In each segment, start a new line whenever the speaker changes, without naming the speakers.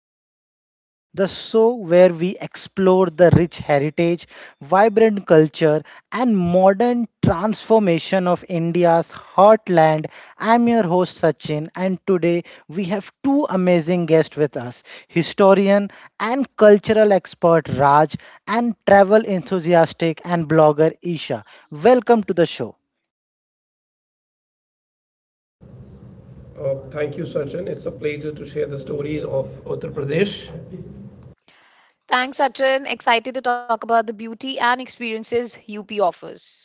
Uttar Pradesh, the show where we explore the rich heritage, vibrant culture, and modern transformation of India's heartland. I'm your host, Sachin, and today we have two amazing guests with us: historian and cultural expert Raj, and travel enthusiastic and blogger Isha. Welcome to the show.
Thank you, Sachin. It's a pleasure to share the stories of Uttar Pradesh.
Thanks, Sachin. Excited to talk about the beauty and experiences UP offers.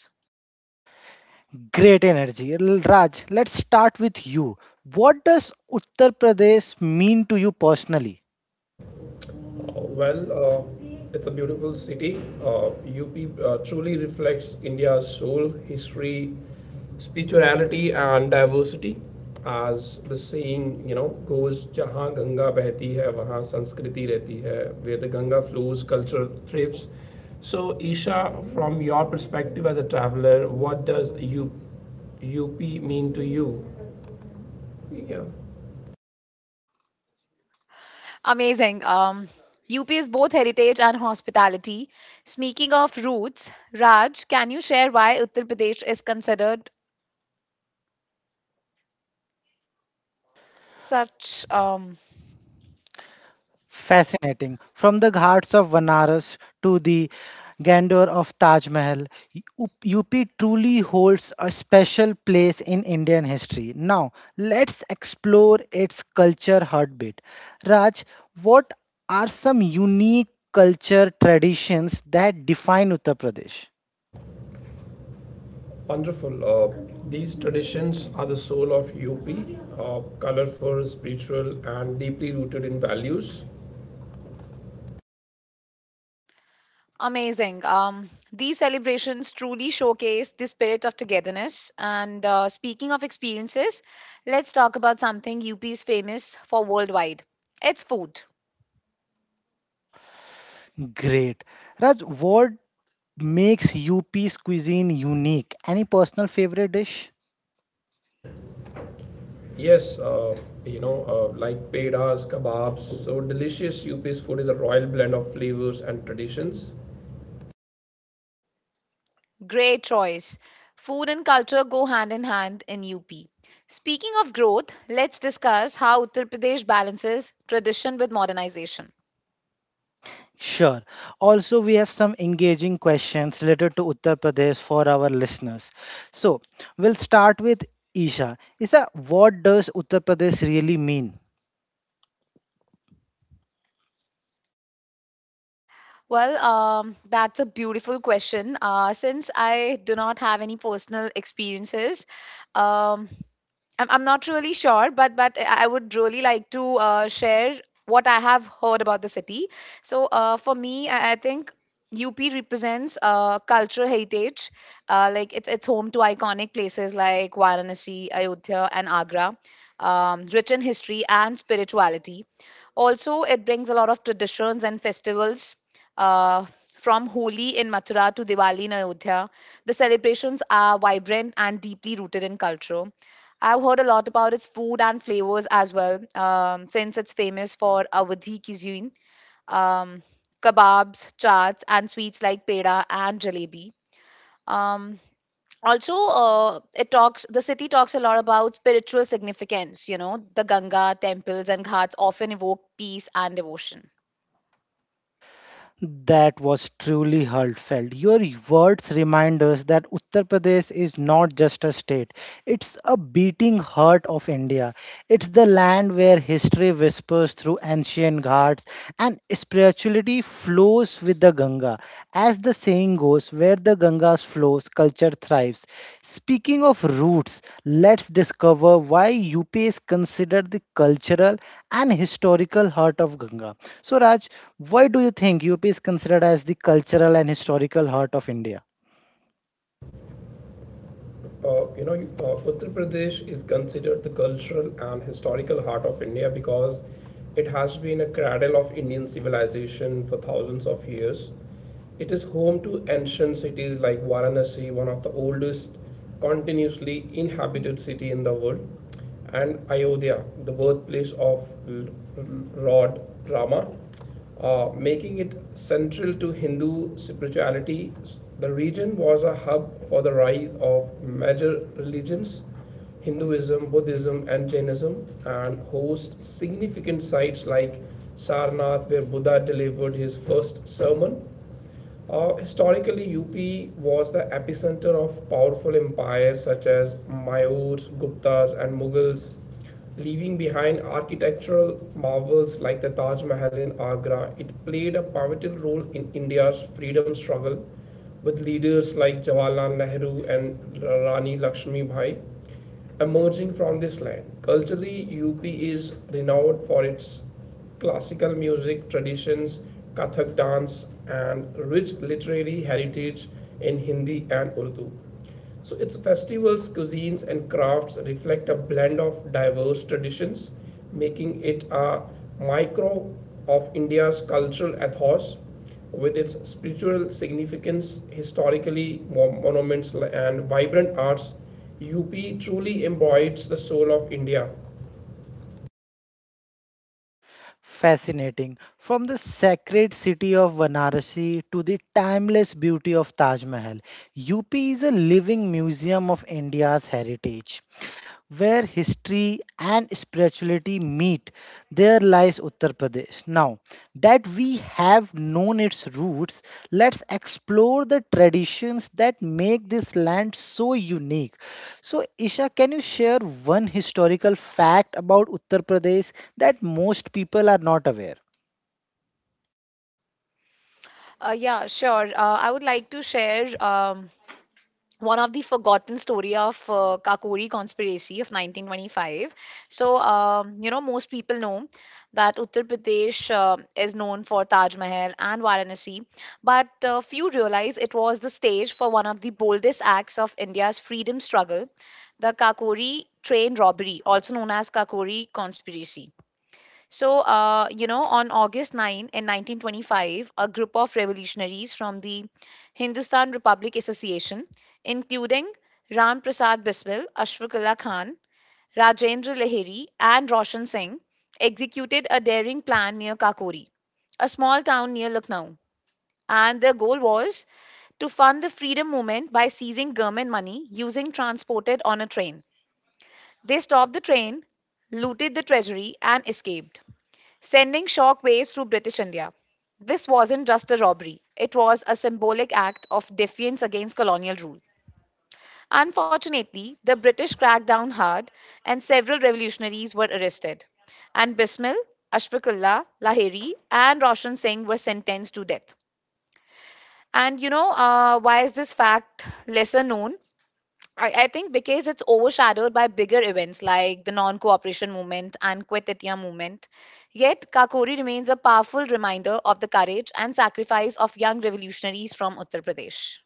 Great energy. Raj, let's start with you. What does Uttar Pradesh mean to you personally?
well, uh, it's a beautiful city. UP truly reflects India's soul, history, spirituality, and diversity. As the saying goes, जहाँ गंगा बहती है वहाँ संस्कृति रहती है. Where the Ganga flows, culture thrives. So, Isha, from your perspective as a traveler, what does UP mean to you? Yeah.
Amazing. UP is both heritage and hospitality. Speaking of roots, Raj, can you share why Uttar Pradesh is considered such
Fascinating. From the ghats of Vanaras to the grandeur of Taj Mahal, U- UP truly holds a special place in Indian history. Now, let's explore its culture heartbeat. Raj, what are some unique culture traditions that define Uttar Pradesh?
Wonderful. These traditions are the soul of UP, colorful, spiritual, and deeply rooted in values.
amazing? These celebrations truly showcase the spirit of togetherness. And speaking of experiences, let's talk about something UP is famous for worldwide. It's food.
Great. Raj, what makes UP's cuisine unique? Any personal favorite dish?
Yes, uh, like pedas, kebabs, so delicious UP's food is a royal blend of flavors and traditions.
Great choice. Food and culture go hand in hand in UP. Speaking of growth, let's discuss how Uttar Pradesh balances tradition with modernization.
Sure. Also, we have some engaging questions related to Uttar Pradesh for our listeners. So, we'll start with Isha. Isha, what does Uttar Pradesh really mean?
Well, that's a beautiful question. Since I do not have any personal experiences, um, I'm not really sure, but I would really like to share what I have heard about the city. So for me, I think UP represents cultural heritage. Like it's home to iconic places like Varanasi, Ayodhya, and Agra, rich in history and spirituality. Also, it brings a lot of traditions and festivals. Uh, from Holi in Mathura to Diwali in Ayodhya, the celebrations are vibrant and deeply rooted in culture. I've heard a lot about its food and flavors as well, since it's famous for Awadhi cuisine, um, kebabs, chaats, and sweets like peda and jalebi. Um, also, it talks. The city talks a lot about spiritual significance. You know, the Ganga temples and ghats often evoke peace and devotion.
That was truly heartfelt. Your words remind us that Uttar Pradesh is not just a state, it's a beating heart of India. It's the land where history whispers through ancient ghats and spirituality flows with the Ganga. As the saying goes, where the Ganga flows, culture thrives. Speaking of roots, let's discover why UP is considered the cultural and historical heart of Ganga. So, Raj, why do you think UP is considered as the cultural and historical heart of India?
Uttar Pradesh is considered the cultural and historical heart of India because it has been a cradle of Indian civilization for thousands of years. It is home to ancient cities like Varanasi, one of the oldest continuously inhabited city in the world, and Ayodhya, the birthplace of Lord Rama, making it central to Hindu spirituality. The region was a hub for the rise of major religions: Hinduism, Buddhism, and Jainism, and hosts significant sites like Sarnath, where Buddha delivered his first sermon. Historically, UP was the epicenter of powerful empires such as Mayurs, Guptas, and Mughals. Leaving behind architectural marvels like the Taj Mahal in Agra, it played a pivotal role in India's freedom struggle, with leaders like Jawaharlal Nehru and Rani Lakshmi Bai emerging from this land. Culturally, UP is renowned for its classical music traditions, Kathak dance, and rich literary heritage in Hindi and Urdu. So its festivals, cuisines, and crafts reflect a blend of diverse traditions, making it a micro of India's cultural ethos with its spiritual significance, historically monuments, and vibrant arts. UP truly embodies the soul of India.
Fascinating. From the sacred city of Varanasi to the timeless beauty of Taj Mahal, UP is a living museum of India's heritage, where history and spirituality meet. There lies Uttar Pradesh. Now that we have known its roots, let's explore the traditions that make this land so unique. So, Isha, can you share one historical fact about Uttar Pradesh that most people are not aware?
Yeah, sure. I would like to share one of the forgotten story of Kakori conspiracy of 1925. So, you know, most people know that Uttar Pradesh is known for Taj Mahal and Varanasi, but few realize it was the stage for one of the boldest acts of India's freedom struggle, the Kakori train robbery, also known as Kakori conspiracy. So, you know, on August 9 in 1925, a group of revolutionaries from the Hindustan Republic Association, including Ram Prasad Biswal, Ashfaq Khan, Rajendra Lahiri, and Roshan Singh, executed a daring plan near Kakori, a small town near Lucknow. And their goal was to fund the freedom movement by seizing government money using transported on a train. They stopped the train, looted the treasury, and escaped sending shock waves through British India. This wasn't just a robbery, it was a symbolic act of defiance against colonial rule. Unfortunately, the British cracked down hard and several revolutionaries were arrested. And Bismil, Ashfaqullah, Lahiri, and Roshan Singh were sentenced to death. And you know, why is this fact lesser known? I think because it's overshadowed by bigger events like the non cooperation movement and Quit India movement. Yet, Kakori remains a powerful reminder of the courage and sacrifice of young revolutionaries from Uttar Pradesh.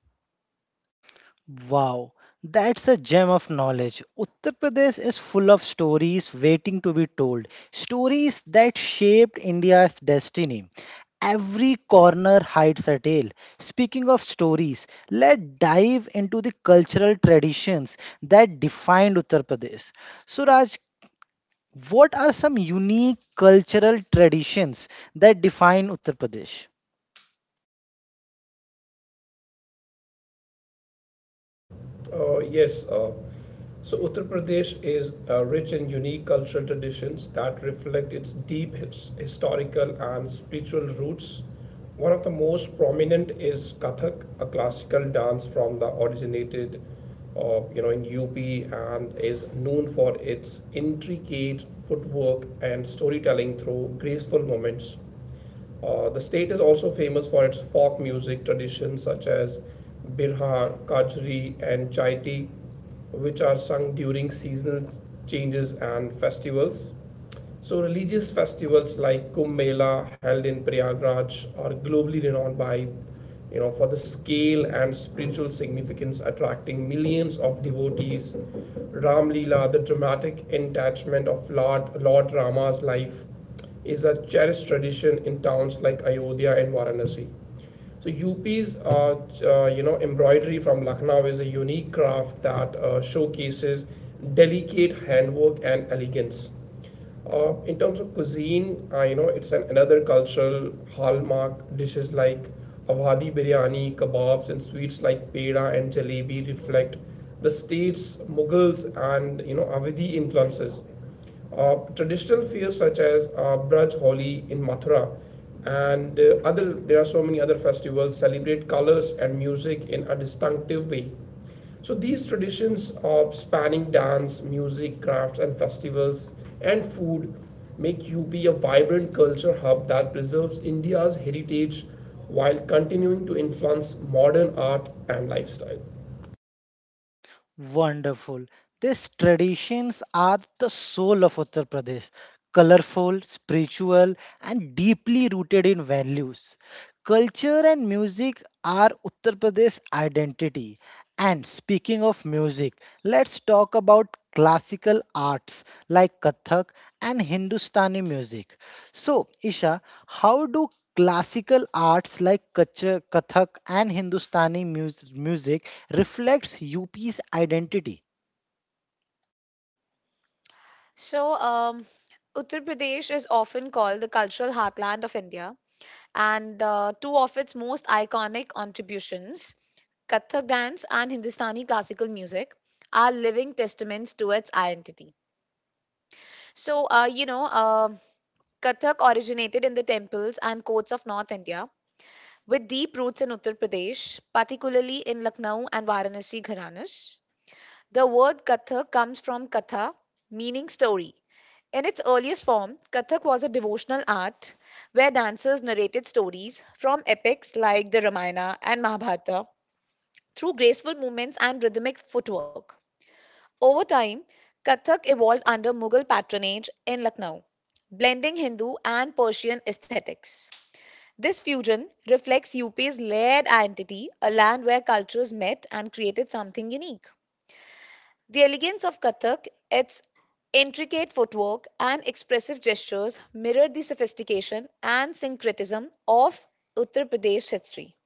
Wow, that's a gem of knowledge. Uttar Pradesh is full of stories waiting to be told, stories that shaped India's destiny. Every corner hides a tale. Speaking of stories, let's dive into the cultural traditions that defined Uttar Pradesh. Suraj, what are some unique cultural traditions that define Uttar Pradesh?
Uh, yes. Uh, so Uttar Pradesh is rich in unique cultural traditions that reflect its deep historical and spiritual roots. One of the most prominent is Kathak, a classical dance from the originated, in UP, and is known for its intricate footwork and storytelling through graceful movements. The state is also famous for its folk music traditions such as birha, kajri, and chaiti, which are sung during seasonal changes and festivals. So, religious festivals like Kumbh Mela, held in Prayagraj, are globally renowned by, for the scale and spiritual significance, attracting millions of devotees. Ram Leela, the dramatic enactment of Lord Rama's life, is a cherished tradition in towns like Ayodhya and Varanasi. So embroidery from Lucknow is a unique craft that showcases delicate handwork and elegance. In terms of cuisine, it's another cultural hallmark. Dishes like Awadhi biryani, kebabs, and sweets like peda and jalebi reflect the state's Mughals and Awadhi influences. Traditional fairs such as Braj Holi in Mathura and other, there are so many other festivals celebrate colors and music in a distinctive way. So these traditions of spanning dance, music, crafts, and festivals and food make UP a vibrant culture hub that preserves India's heritage while continuing to influence modern art and lifestyle.
Wonderful. These traditions are the soul of Uttar Pradesh, colorful, spiritual, and deeply rooted in values. Culture and music are Uttar Pradesh's identity. And speaking of music, let's talk about classical arts like Kathak and Hindustani music. So, Isha, how do classical arts like Kathak and Hindustani music reflects UP's identity?
So, Uttar Pradesh is often called the cultural heartland of India, and two of its most iconic contributions, Kathak dance and Hindustani classical music, are living testaments to its identity. So, Kathak originated in the temples and courts of North India, with deep roots in Uttar Pradesh, particularly in Lucknow and Varanasi gharanas. The word Kathak comes from Katha, meaning story. In its earliest form, Kathak was a devotional art where dancers narrated stories from epics like the Ramayana and Mahabharata through graceful movements and rhythmic footwork. Over time, Kathak evolved under Mughal patronage in Lucknow, blending Hindu and Persian aesthetics. This fusion reflects UP's layered identity, a land where cultures met and created something unique. The elegance of Kathak, its intricate footwork and expressive gestures, mirrored the sophistication and syncretism of Uttar Pradesh history.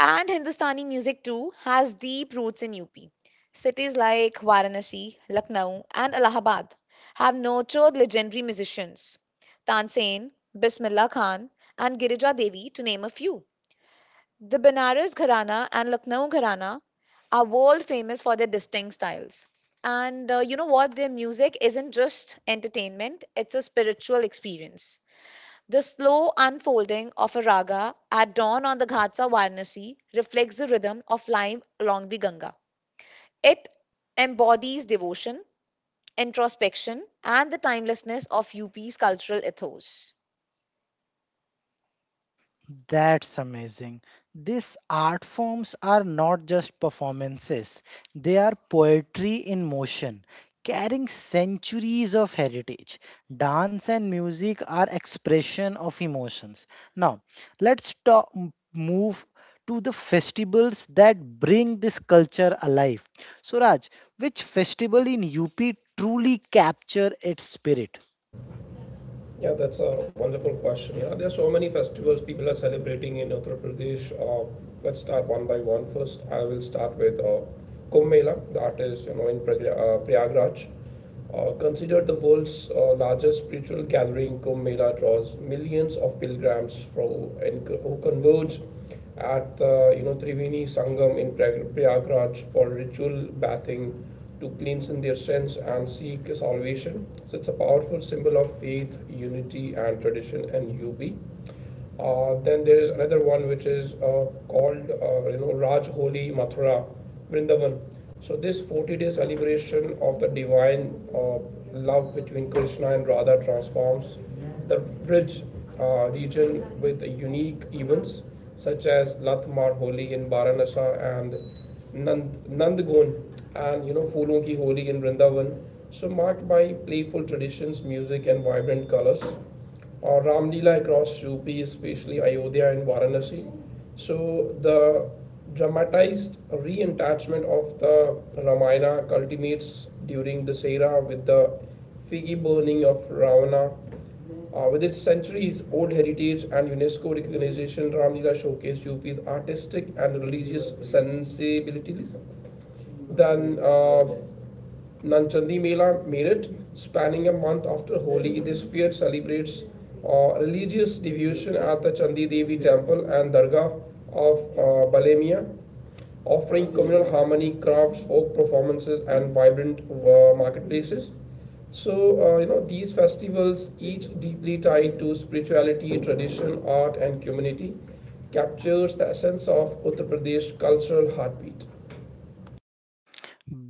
And Hindustani music too has deep roots in UP. Cities like Varanasi, Lucknow, and Allahabad have nurtured legendary musicians Tansen, Bismillah Khan, and Girija Devi, to name a few. The Banaras Gharana and Lucknow Gharana are world famous for their distinct styles. And you know what? Their music isn't just entertainment, it's a spiritual experience. The slow unfolding of a raga at dawn on the ghats of Varanasi reflects the rhythm of life along the Ganga. It embodies devotion, introspection, and the timelessness of UP's cultural ethos.
That's amazing. These art forms are not just performances, they are poetry in motion, carrying centuries of heritage. Dance and music are expression of emotions. Now, let's talk, move to the festivals that bring this culture alive. So, Raj, which festival in UP truly capture its spirit?
Yeah, that's a wonderful question. Yeah, there are so many festivals people are celebrating in Uttar Pradesh. Let's start one by one. First, I will start with Kumbh Mela, that is, in Prayagraj. Considered the world's largest spiritual gathering, Kumbh Mela draws millions of pilgrims from and who converge at the Triveni Sangam in Prayagraj for ritual bathing to cleanse in their sins and seek salvation. So it's a powerful symbol of faith, unity, and tradition in UP. Then there is another one which is called Raj Holi Mathura Vrindavan. So this 40-day day celebration of the divine love between Krishna and Radha transforms the bridge region with unique events such as Latmar Holi in Varanasi and Nandagon and Phoolon Ki Holi in Vrindavan. So marked by playful traditions, music and vibrant colors. Or Ram Leela across UP, especially Ayodhya and Varanasi. So the dramatized re-entachment of the Ramayana culminates during this era with the figgy burning of Ravana. Uh, with its centuries old heritage and UNESCO recognition, Ramlila showcased UP's artistic and religious sensibilities. Then Nanchandi Mela, Meerut, spanning a month after Holi. This fair celebrates religious devotion at the Chandi Devi temple and Dargah of Balemia, offering communal harmony, crafts, folk performances, and vibrant marketplaces. So, these festivals, each deeply tied to spirituality, tradition, art, and community, captures the essence of Uttar Pradesh cultural heartbeat.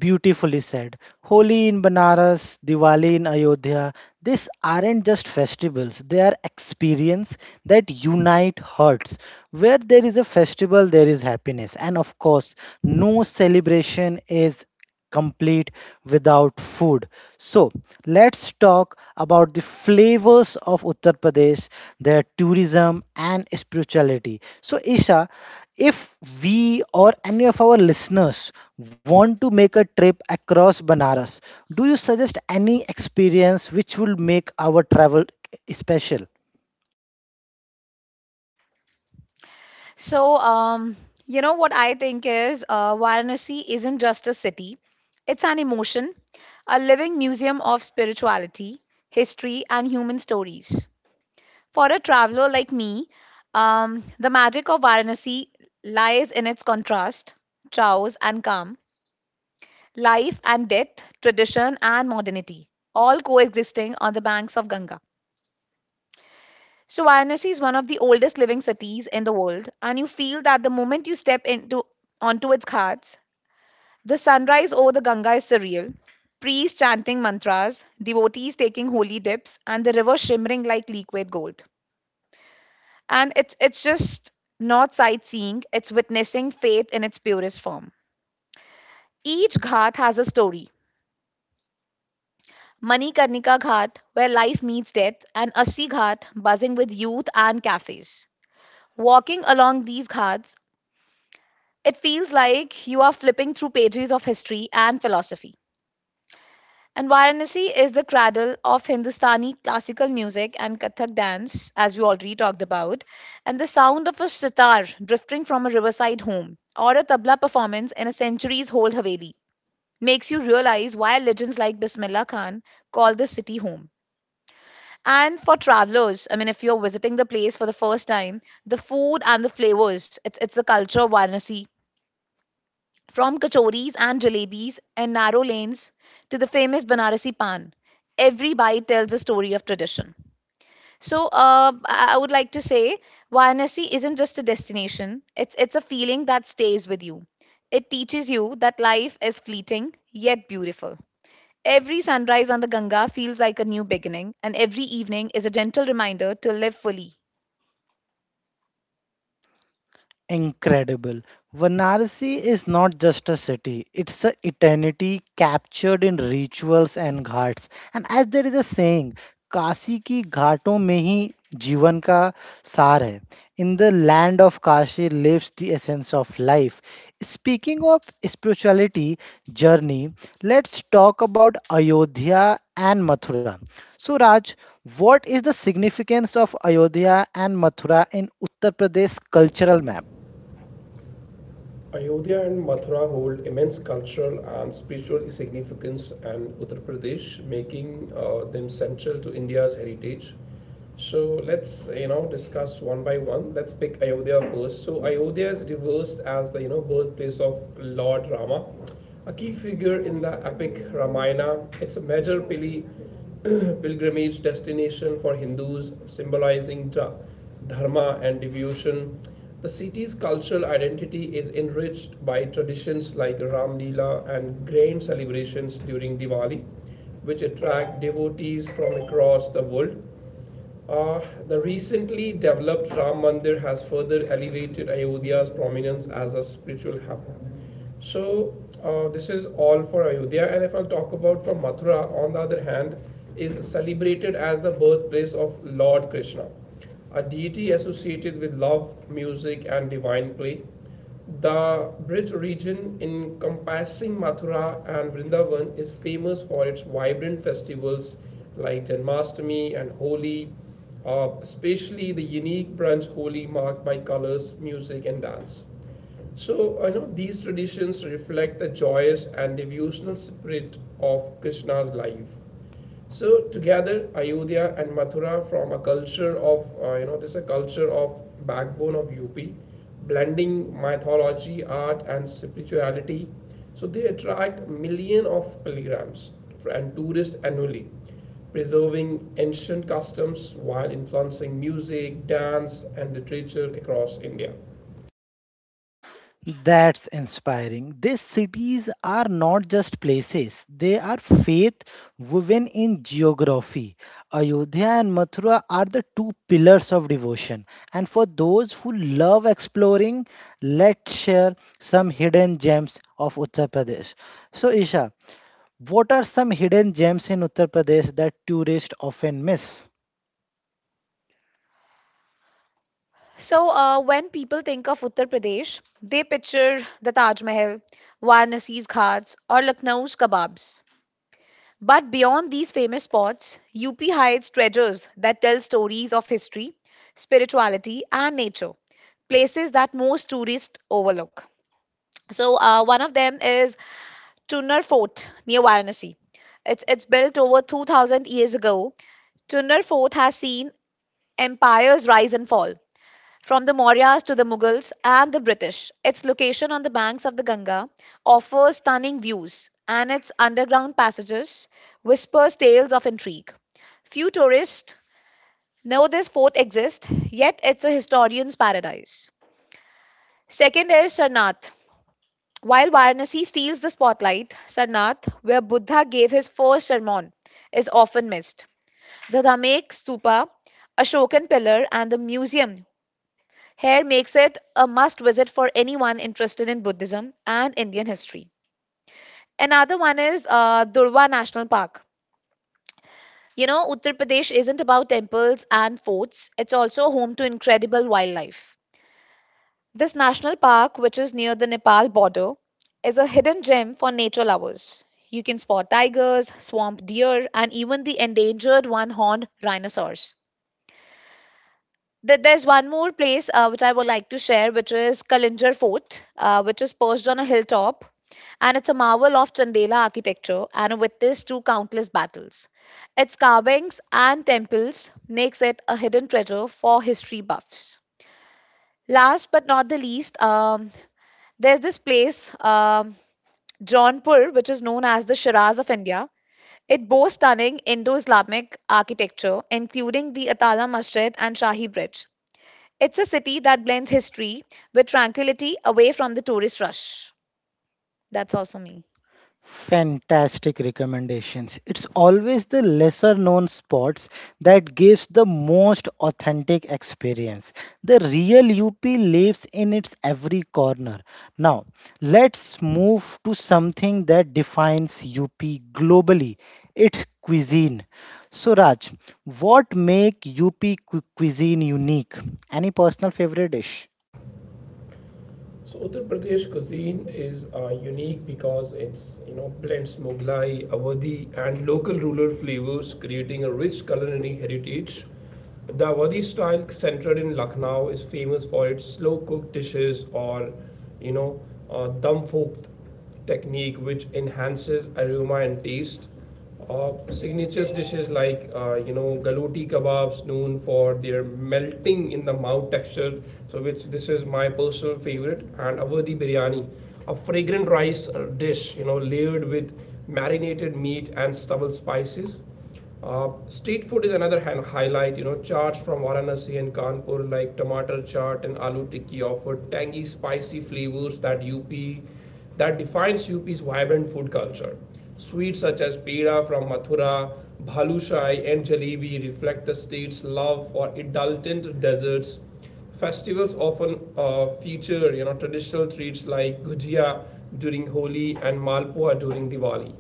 Beautifully said. Holi in Banaras, Diwali in Ayodhya, these aren't just festivals, they are experience that unite hearts. Where there is a festival, there is happiness. And of course, no celebration is complete without food. So, let's talk about the flavors of Uttar Pradesh, their tourism and spirituality. So, Isha, if we or any of our listeners want to make a trip across Banaras, do you suggest any experience which will make our travel special?
So, you know what I think is Varanasi isn't just a city, it's an emotion, a living museum of spirituality, history, and human stories. For a traveler like me, the magic of Varanasi lies in its contrast, chaos and calm, life and death, tradition and modernity, all coexisting on the banks of Ganga. So, Varanasi is one of the oldest living cities in the world, and you feel that the moment you step into onto its ghats, the sunrise over the Ganga is surreal. Priests chanting mantras, devotees taking holy dips, and the river shimmering like liquid gold. And it's just not sightseeing; it's witnessing faith in its purest form. Each ghat has a story. Manikarnika Ghat, where life meets death, and Assi Ghat, buzzing with youth and cafes. Walking along these ghats, it feels like you are flipping through pages of history and philosophy. And Varanasi is the cradle of Hindustani classical music and Kathak dance, as we already talked about. And the sound of a sitar drifting from a riverside home or a tabla performance in a century's old Haveli makes you realize why legends like Bismillah Khan call this city home. And for travelers, I mean, if you're visiting the place for the first time, the food and the flavors, it's the culture of Varanasi. From kachoris and jalebis and narrow lanes to the famous Banarasi pan, every bite tells a story of tradition. So, I would like to say Varanasi isn't just a destination, it's a feeling that stays with you. It teaches you that life is fleeting yet beautiful. Every sunrise on the Ganga feels like a new beginning, and every evening is a gentle reminder to live fully.
Incredible. Varanasi is not just a city, it's an eternity captured in rituals and ghats. And as there is a saying, Kashi की घाटों में ही जीवन का सार है. In the land of Kashi lives the essence of life. Speaking of spirituality journey, let's talk about Ayodhya and Mathura. So, Raj, what is the significance of Ayodhya and Mathura in Uttar Pradesh cultural map?
Ayodhya and Mathura hold immense cultural and spiritual significance, and Uttar Pradesh making them central to India's heritage. So let's discuss one by one. Let's pick Ayodhya first. So Ayodhya is reversed as the birthplace of Lord Rama, a key figure in the epic Ramayana. It's a major pilgrimage destination for Hindus, symbolizing the dharma, and devotion. The city's cultural identity is enriched by traditions like Ram Leela and grand celebrations during Diwali, which attract devotees from across the world. Uh, the recently developed Ram Mandir has further elevated Ayodhya's prominence as a spiritual hub. So, this is all for Ayodhya. And if I'll talk about from Mathura, on the other hand, is celebrated as the birthplace of Lord Krishna, a deity associated with love, music, and divine play. The Brij region encompassing Mathura and Vrindavan is famous for its vibrant festivals like Janmashtami and Holi, especially the unique brunch Holi marked by colors, music, and dance. So, I know these traditions reflect the joyous and devotional spirit of Krishna's life. So together, Ayodhya and Mathura from a culture of this is a culture of backbone of UP, blending mythology, art, and spirituality. So they attract million of pilgrims and tourists annually, preserving ancient customs while influencing music, dance, and literature across India.
That's inspiring. These cities are not just places, they are faith woven in geography. Ayodhya and Mathura are the two pillars of devotion. And for those who love exploring, let's share some hidden gems of Uttar Pradesh. So, Isha, what are some hidden gems in Uttar Pradesh that tourists often miss?
So, when people think of Uttar Pradesh, they picture the Taj Mahal, Varanasi's ghats, or Lucknow's kebabs. But beyond these famous spots, UP hides treasures that tell stories of history, spirituality, and nature, places that most tourists overlook. So, one of them is Tunnar Fort near Varanasi. It's built over 2000 years ago. Tunnar Fort has seen empires rise and fall, from the Mauryas to the Mughals and the British, its location on the banks of the Ganga offers stunning views, and its underground passages whispers tales of intrigue. Few tourists know this fort exists, yet it's a historian's paradise. Second is Sarnath. While Varanasi steals the spotlight, Sarnath, where Buddha gave his first sermon, is often missed. The Dhamek Stupa, Ashokan Pillar, and the museum here makes it a must visit for anyone interested in Buddhism and Indian history. Another one is Durva National Park. You know, Uttar Pradesh isn't about temples and forts, it's also home to incredible wildlife. This national park, which is near the Nepal border, is a hidden gem for nature lovers. You can spot tigers, swamp deer, and even the endangered one horned rhinoceros. There's one more place which I would like to share, which is Kalinjar Fort, which is perched on a hilltop, and it's a marvel of Chandela architecture and witnessed to countless battles. Its carvings and temples makes it a hidden treasure for history buffs. Last but not the least, there's this place, um, Jaunpur, which is known as the Shiraz of India. It boasts stunning Indo-Islamic architecture, including the Atala Masjid and Shahi Bridge. It's a city that blends history with tranquility away from the tourist rush. That's all for me.
Fantastic recommendations. It's always the lesser known spots that gives the most authentic experience. The real UP lives in its every corner. Now, let's move to something that defines UP globally. It's cuisine. So Raj, what make UP cuisine unique? Any personal favorite dish?
So Uttar Pradesh cuisine is unique because it's blends Mughlai, Awadhi, and local rural flavors, creating a rich culinary heritage. The Awadhi style, centered in Lucknow, is famous for its slow cooked dishes or you know dum fork technique, which enhances aroma and taste. Signatures dishes like galoti kebabs known for their melting in the mouth texture, so which this is my personal favorite, and awadhi biryani, a fragrant rice dish layered with marinated meat and stubble spices. Uh, street food is another highlight. You know, charts from Varanasi and Kanpur like tomato chaat and aloo tikki offer tangy, spicy flavors that UP that defines UP's vibrant food culture. Sweets such as peda from Mathura, bhalushai, and jalebi reflect the state's love for indulgent desserts. Festivals often feature traditional treats like gujia during Holi and malpua during Diwali.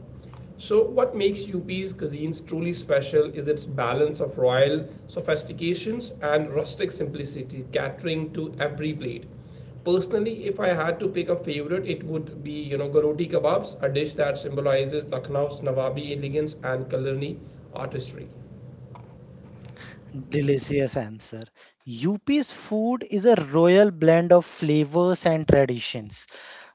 So, what makes UP's cuisines truly special is its balance of royal sophistications and rustic simplicity, catering to every plate. Personally, if I had to pick a favorite, it would be garoti kebabs, a dish that symbolizes Lucknow's Nawabi elegance and culinary artistry.
Delicious answer. UP's food is a royal blend of flavors and traditions.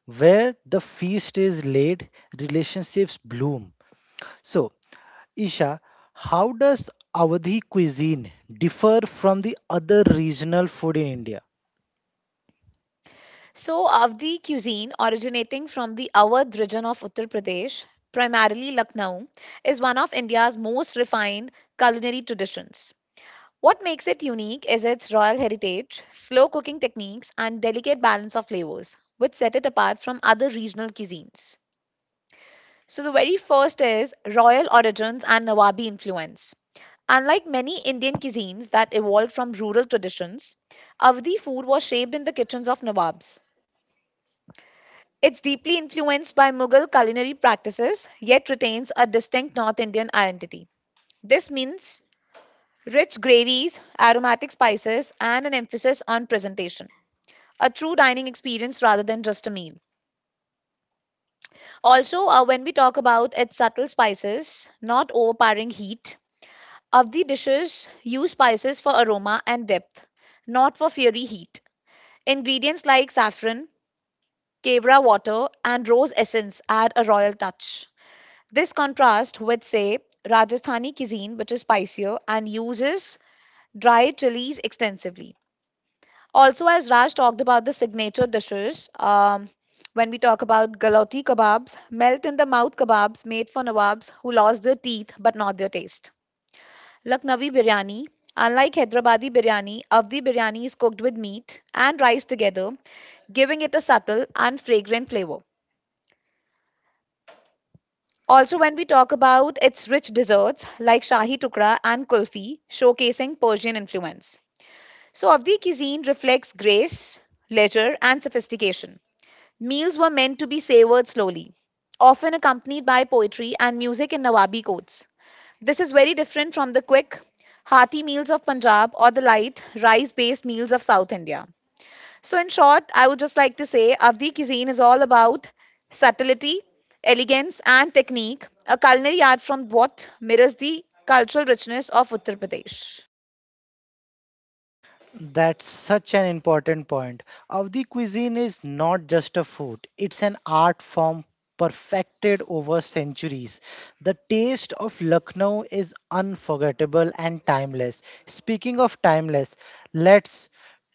Where the feast is laid, relationships bloom. So, Isha, how does Awadhi cuisine differ from the other regional food in India?
So, Avdi cuisine, originating from the Awadh region of Uttar Pradesh, primarily Lucknow, is one of India's most refined culinary traditions. What makes it unique is its royal heritage, slow cooking techniques, and delicate balance of flavors, which set it apart from other regional cuisines. So, the very first is royal origins and Nawabi influence. Unlike many Indian cuisines that evolved from rural traditions, Avdi food was shaped in the kitchens of Nawabs. It's deeply influenced by Mughal culinary practices, yet retains a distinct North Indian identity. This means rich gravies, aromatic spices, and an emphasis on presentation. A true dining experience rather than just a meal. Also, when we talk about its subtle spices, not overpowering heat, Avdi dishes use spices for aroma and depth, not for fiery heat. Ingredients like saffron, kevra water, and rose essence add a royal touch. This contrasts with, say, Rajasthani cuisine, which is spicier and uses dried chilies extensively. Also, as Raj talked about the signature dishes, when we talk about galoti kebabs, melt in the mouth kebabs made for nawabs who lost their teeth but not their taste. Lucknowi biryani, unlike Hyderabadi biryani, Avdi biryani is cooked with meat and rice together giving it a subtle and fragrant flavor. Also, when we talk about its rich desserts like Shahi Tukra and Kulfi, showcasing Persian influence. So, Avdi cuisine reflects grace, leisure, and sophistication. Meals were meant to be savored slowly, often accompanied by poetry and music in Nawabi codes. This is very different from the quick, hearty meals of Punjab or the light, rice based meals of South India. So, in short, I would just like to say Avdi cuisine is all about subtlety, elegance, and technique, a culinary art from what mirrors the cultural richness of Uttar Pradesh.
That's such an important point. Avdi cuisine is not just a food, it's an art form perfected over centuries. The taste of Lucknow is unforgettable and timeless. Speaking of timeless, let's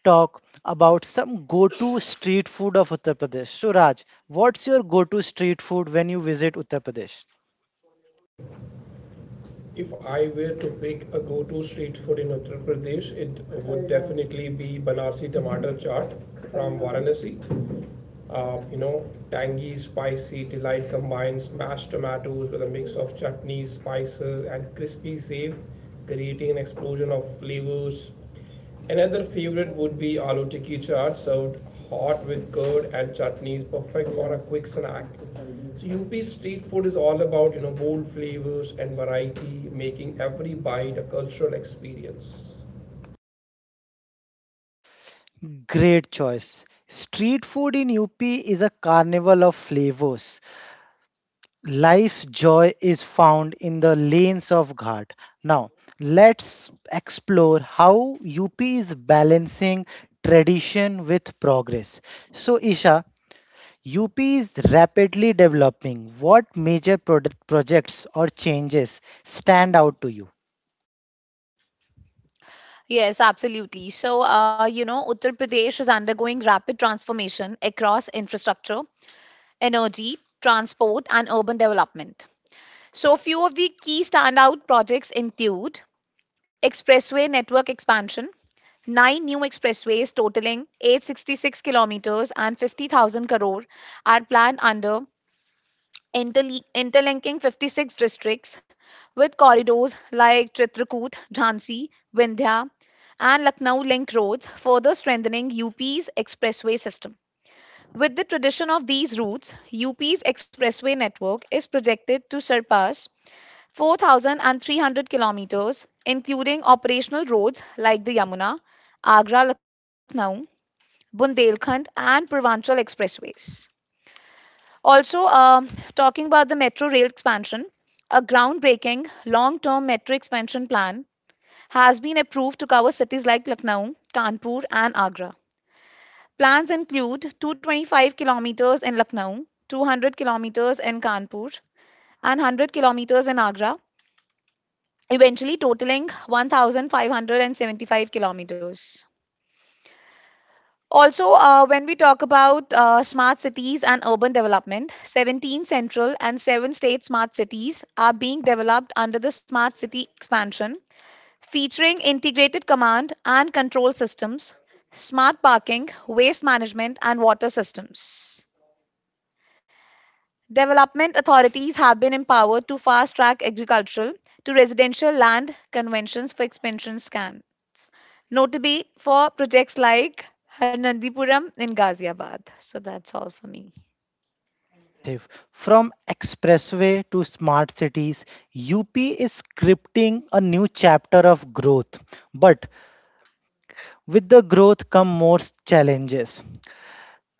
talk about some go to street food of Uttar Pradesh. So, Raj, what's your go to street food when you visit Uttar Pradesh?
If I were to pick a go-to street food in Uttar Pradesh, it would definitely be Banarsi tomato chaat from Varanasi. Uh, you know, Tangy, spicy delight combines mashed tomatoes with a mix of chutneys, spices, and crispy safe, creating an explosion of flavors. Another favorite would be aloo tikki chaat served hot with curd and chutneys, perfect for a quick snack. So UP street food is all about bold flavors and variety, making every bite a cultural experience.
Great choice. Street food in UP is a carnival of flavors. Life joy is found in the lanes of Ghat. Now, let's explore how UP is balancing tradition with progress. So, Isha, UP is rapidly developing. What major product projects or changes stand out to you?
Yes, absolutely. So, you know, Uttar Pradesh is undergoing rapid transformation across infrastructure, energy, transport, and urban development. So, a few of the key standout projects include expressway network expansion, nine new expressways totaling 866 kilometers and 50,000 crore are planned under interlinking 56 districts with corridors like Chitrakoot, Jhansi, Vindhya, and Lucknow link roads, further strengthening UP's expressway system. With the tradition of these routes, UP's expressway network is projected to surpass 4,300 kilometers, including operational roads like the Yamuna, Agra Lucknow, Bundelkhand, and Purvanchal expressways. Also, talking about the metro rail expansion, a groundbreaking long term metro expansion plan has been approved to cover cities like Lucknow, Kanpur, and Agra. Plans include 225 kilometers in Lucknow, 200 kilometers in Kanpur, and 100 kilometers in Agra, eventually totaling 1575 kilometers. Also, when we talk about smart cities and urban development, 17 central and 7 state smart cities are being developed under the smart city expansion, featuring integrated command and control systems, smart parking, waste management, and water systems. Development authorities have been empowered to fast track agricultural to residential land conventions for expansion scams, notably for projects like Harnandipuram in Ghaziabad. So that's all for me.
Impressive. From expressway to smart cities, UP is scripting a new chapter of growth. But with the growth come more challenges.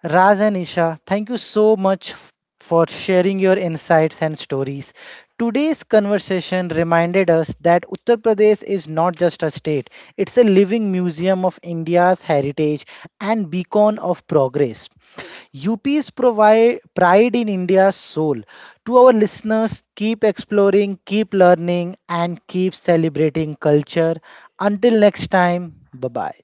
Raj and Isha, thank you so much for sharing your insights and stories. Today's conversation reminded us that Uttar Pradesh is not just a state, it's a living museum of India's heritage and beacon of progress. UP's provide pride in India's soul. To our listeners, keep exploring, keep learning, and keep celebrating culture. Until next time, bye bye.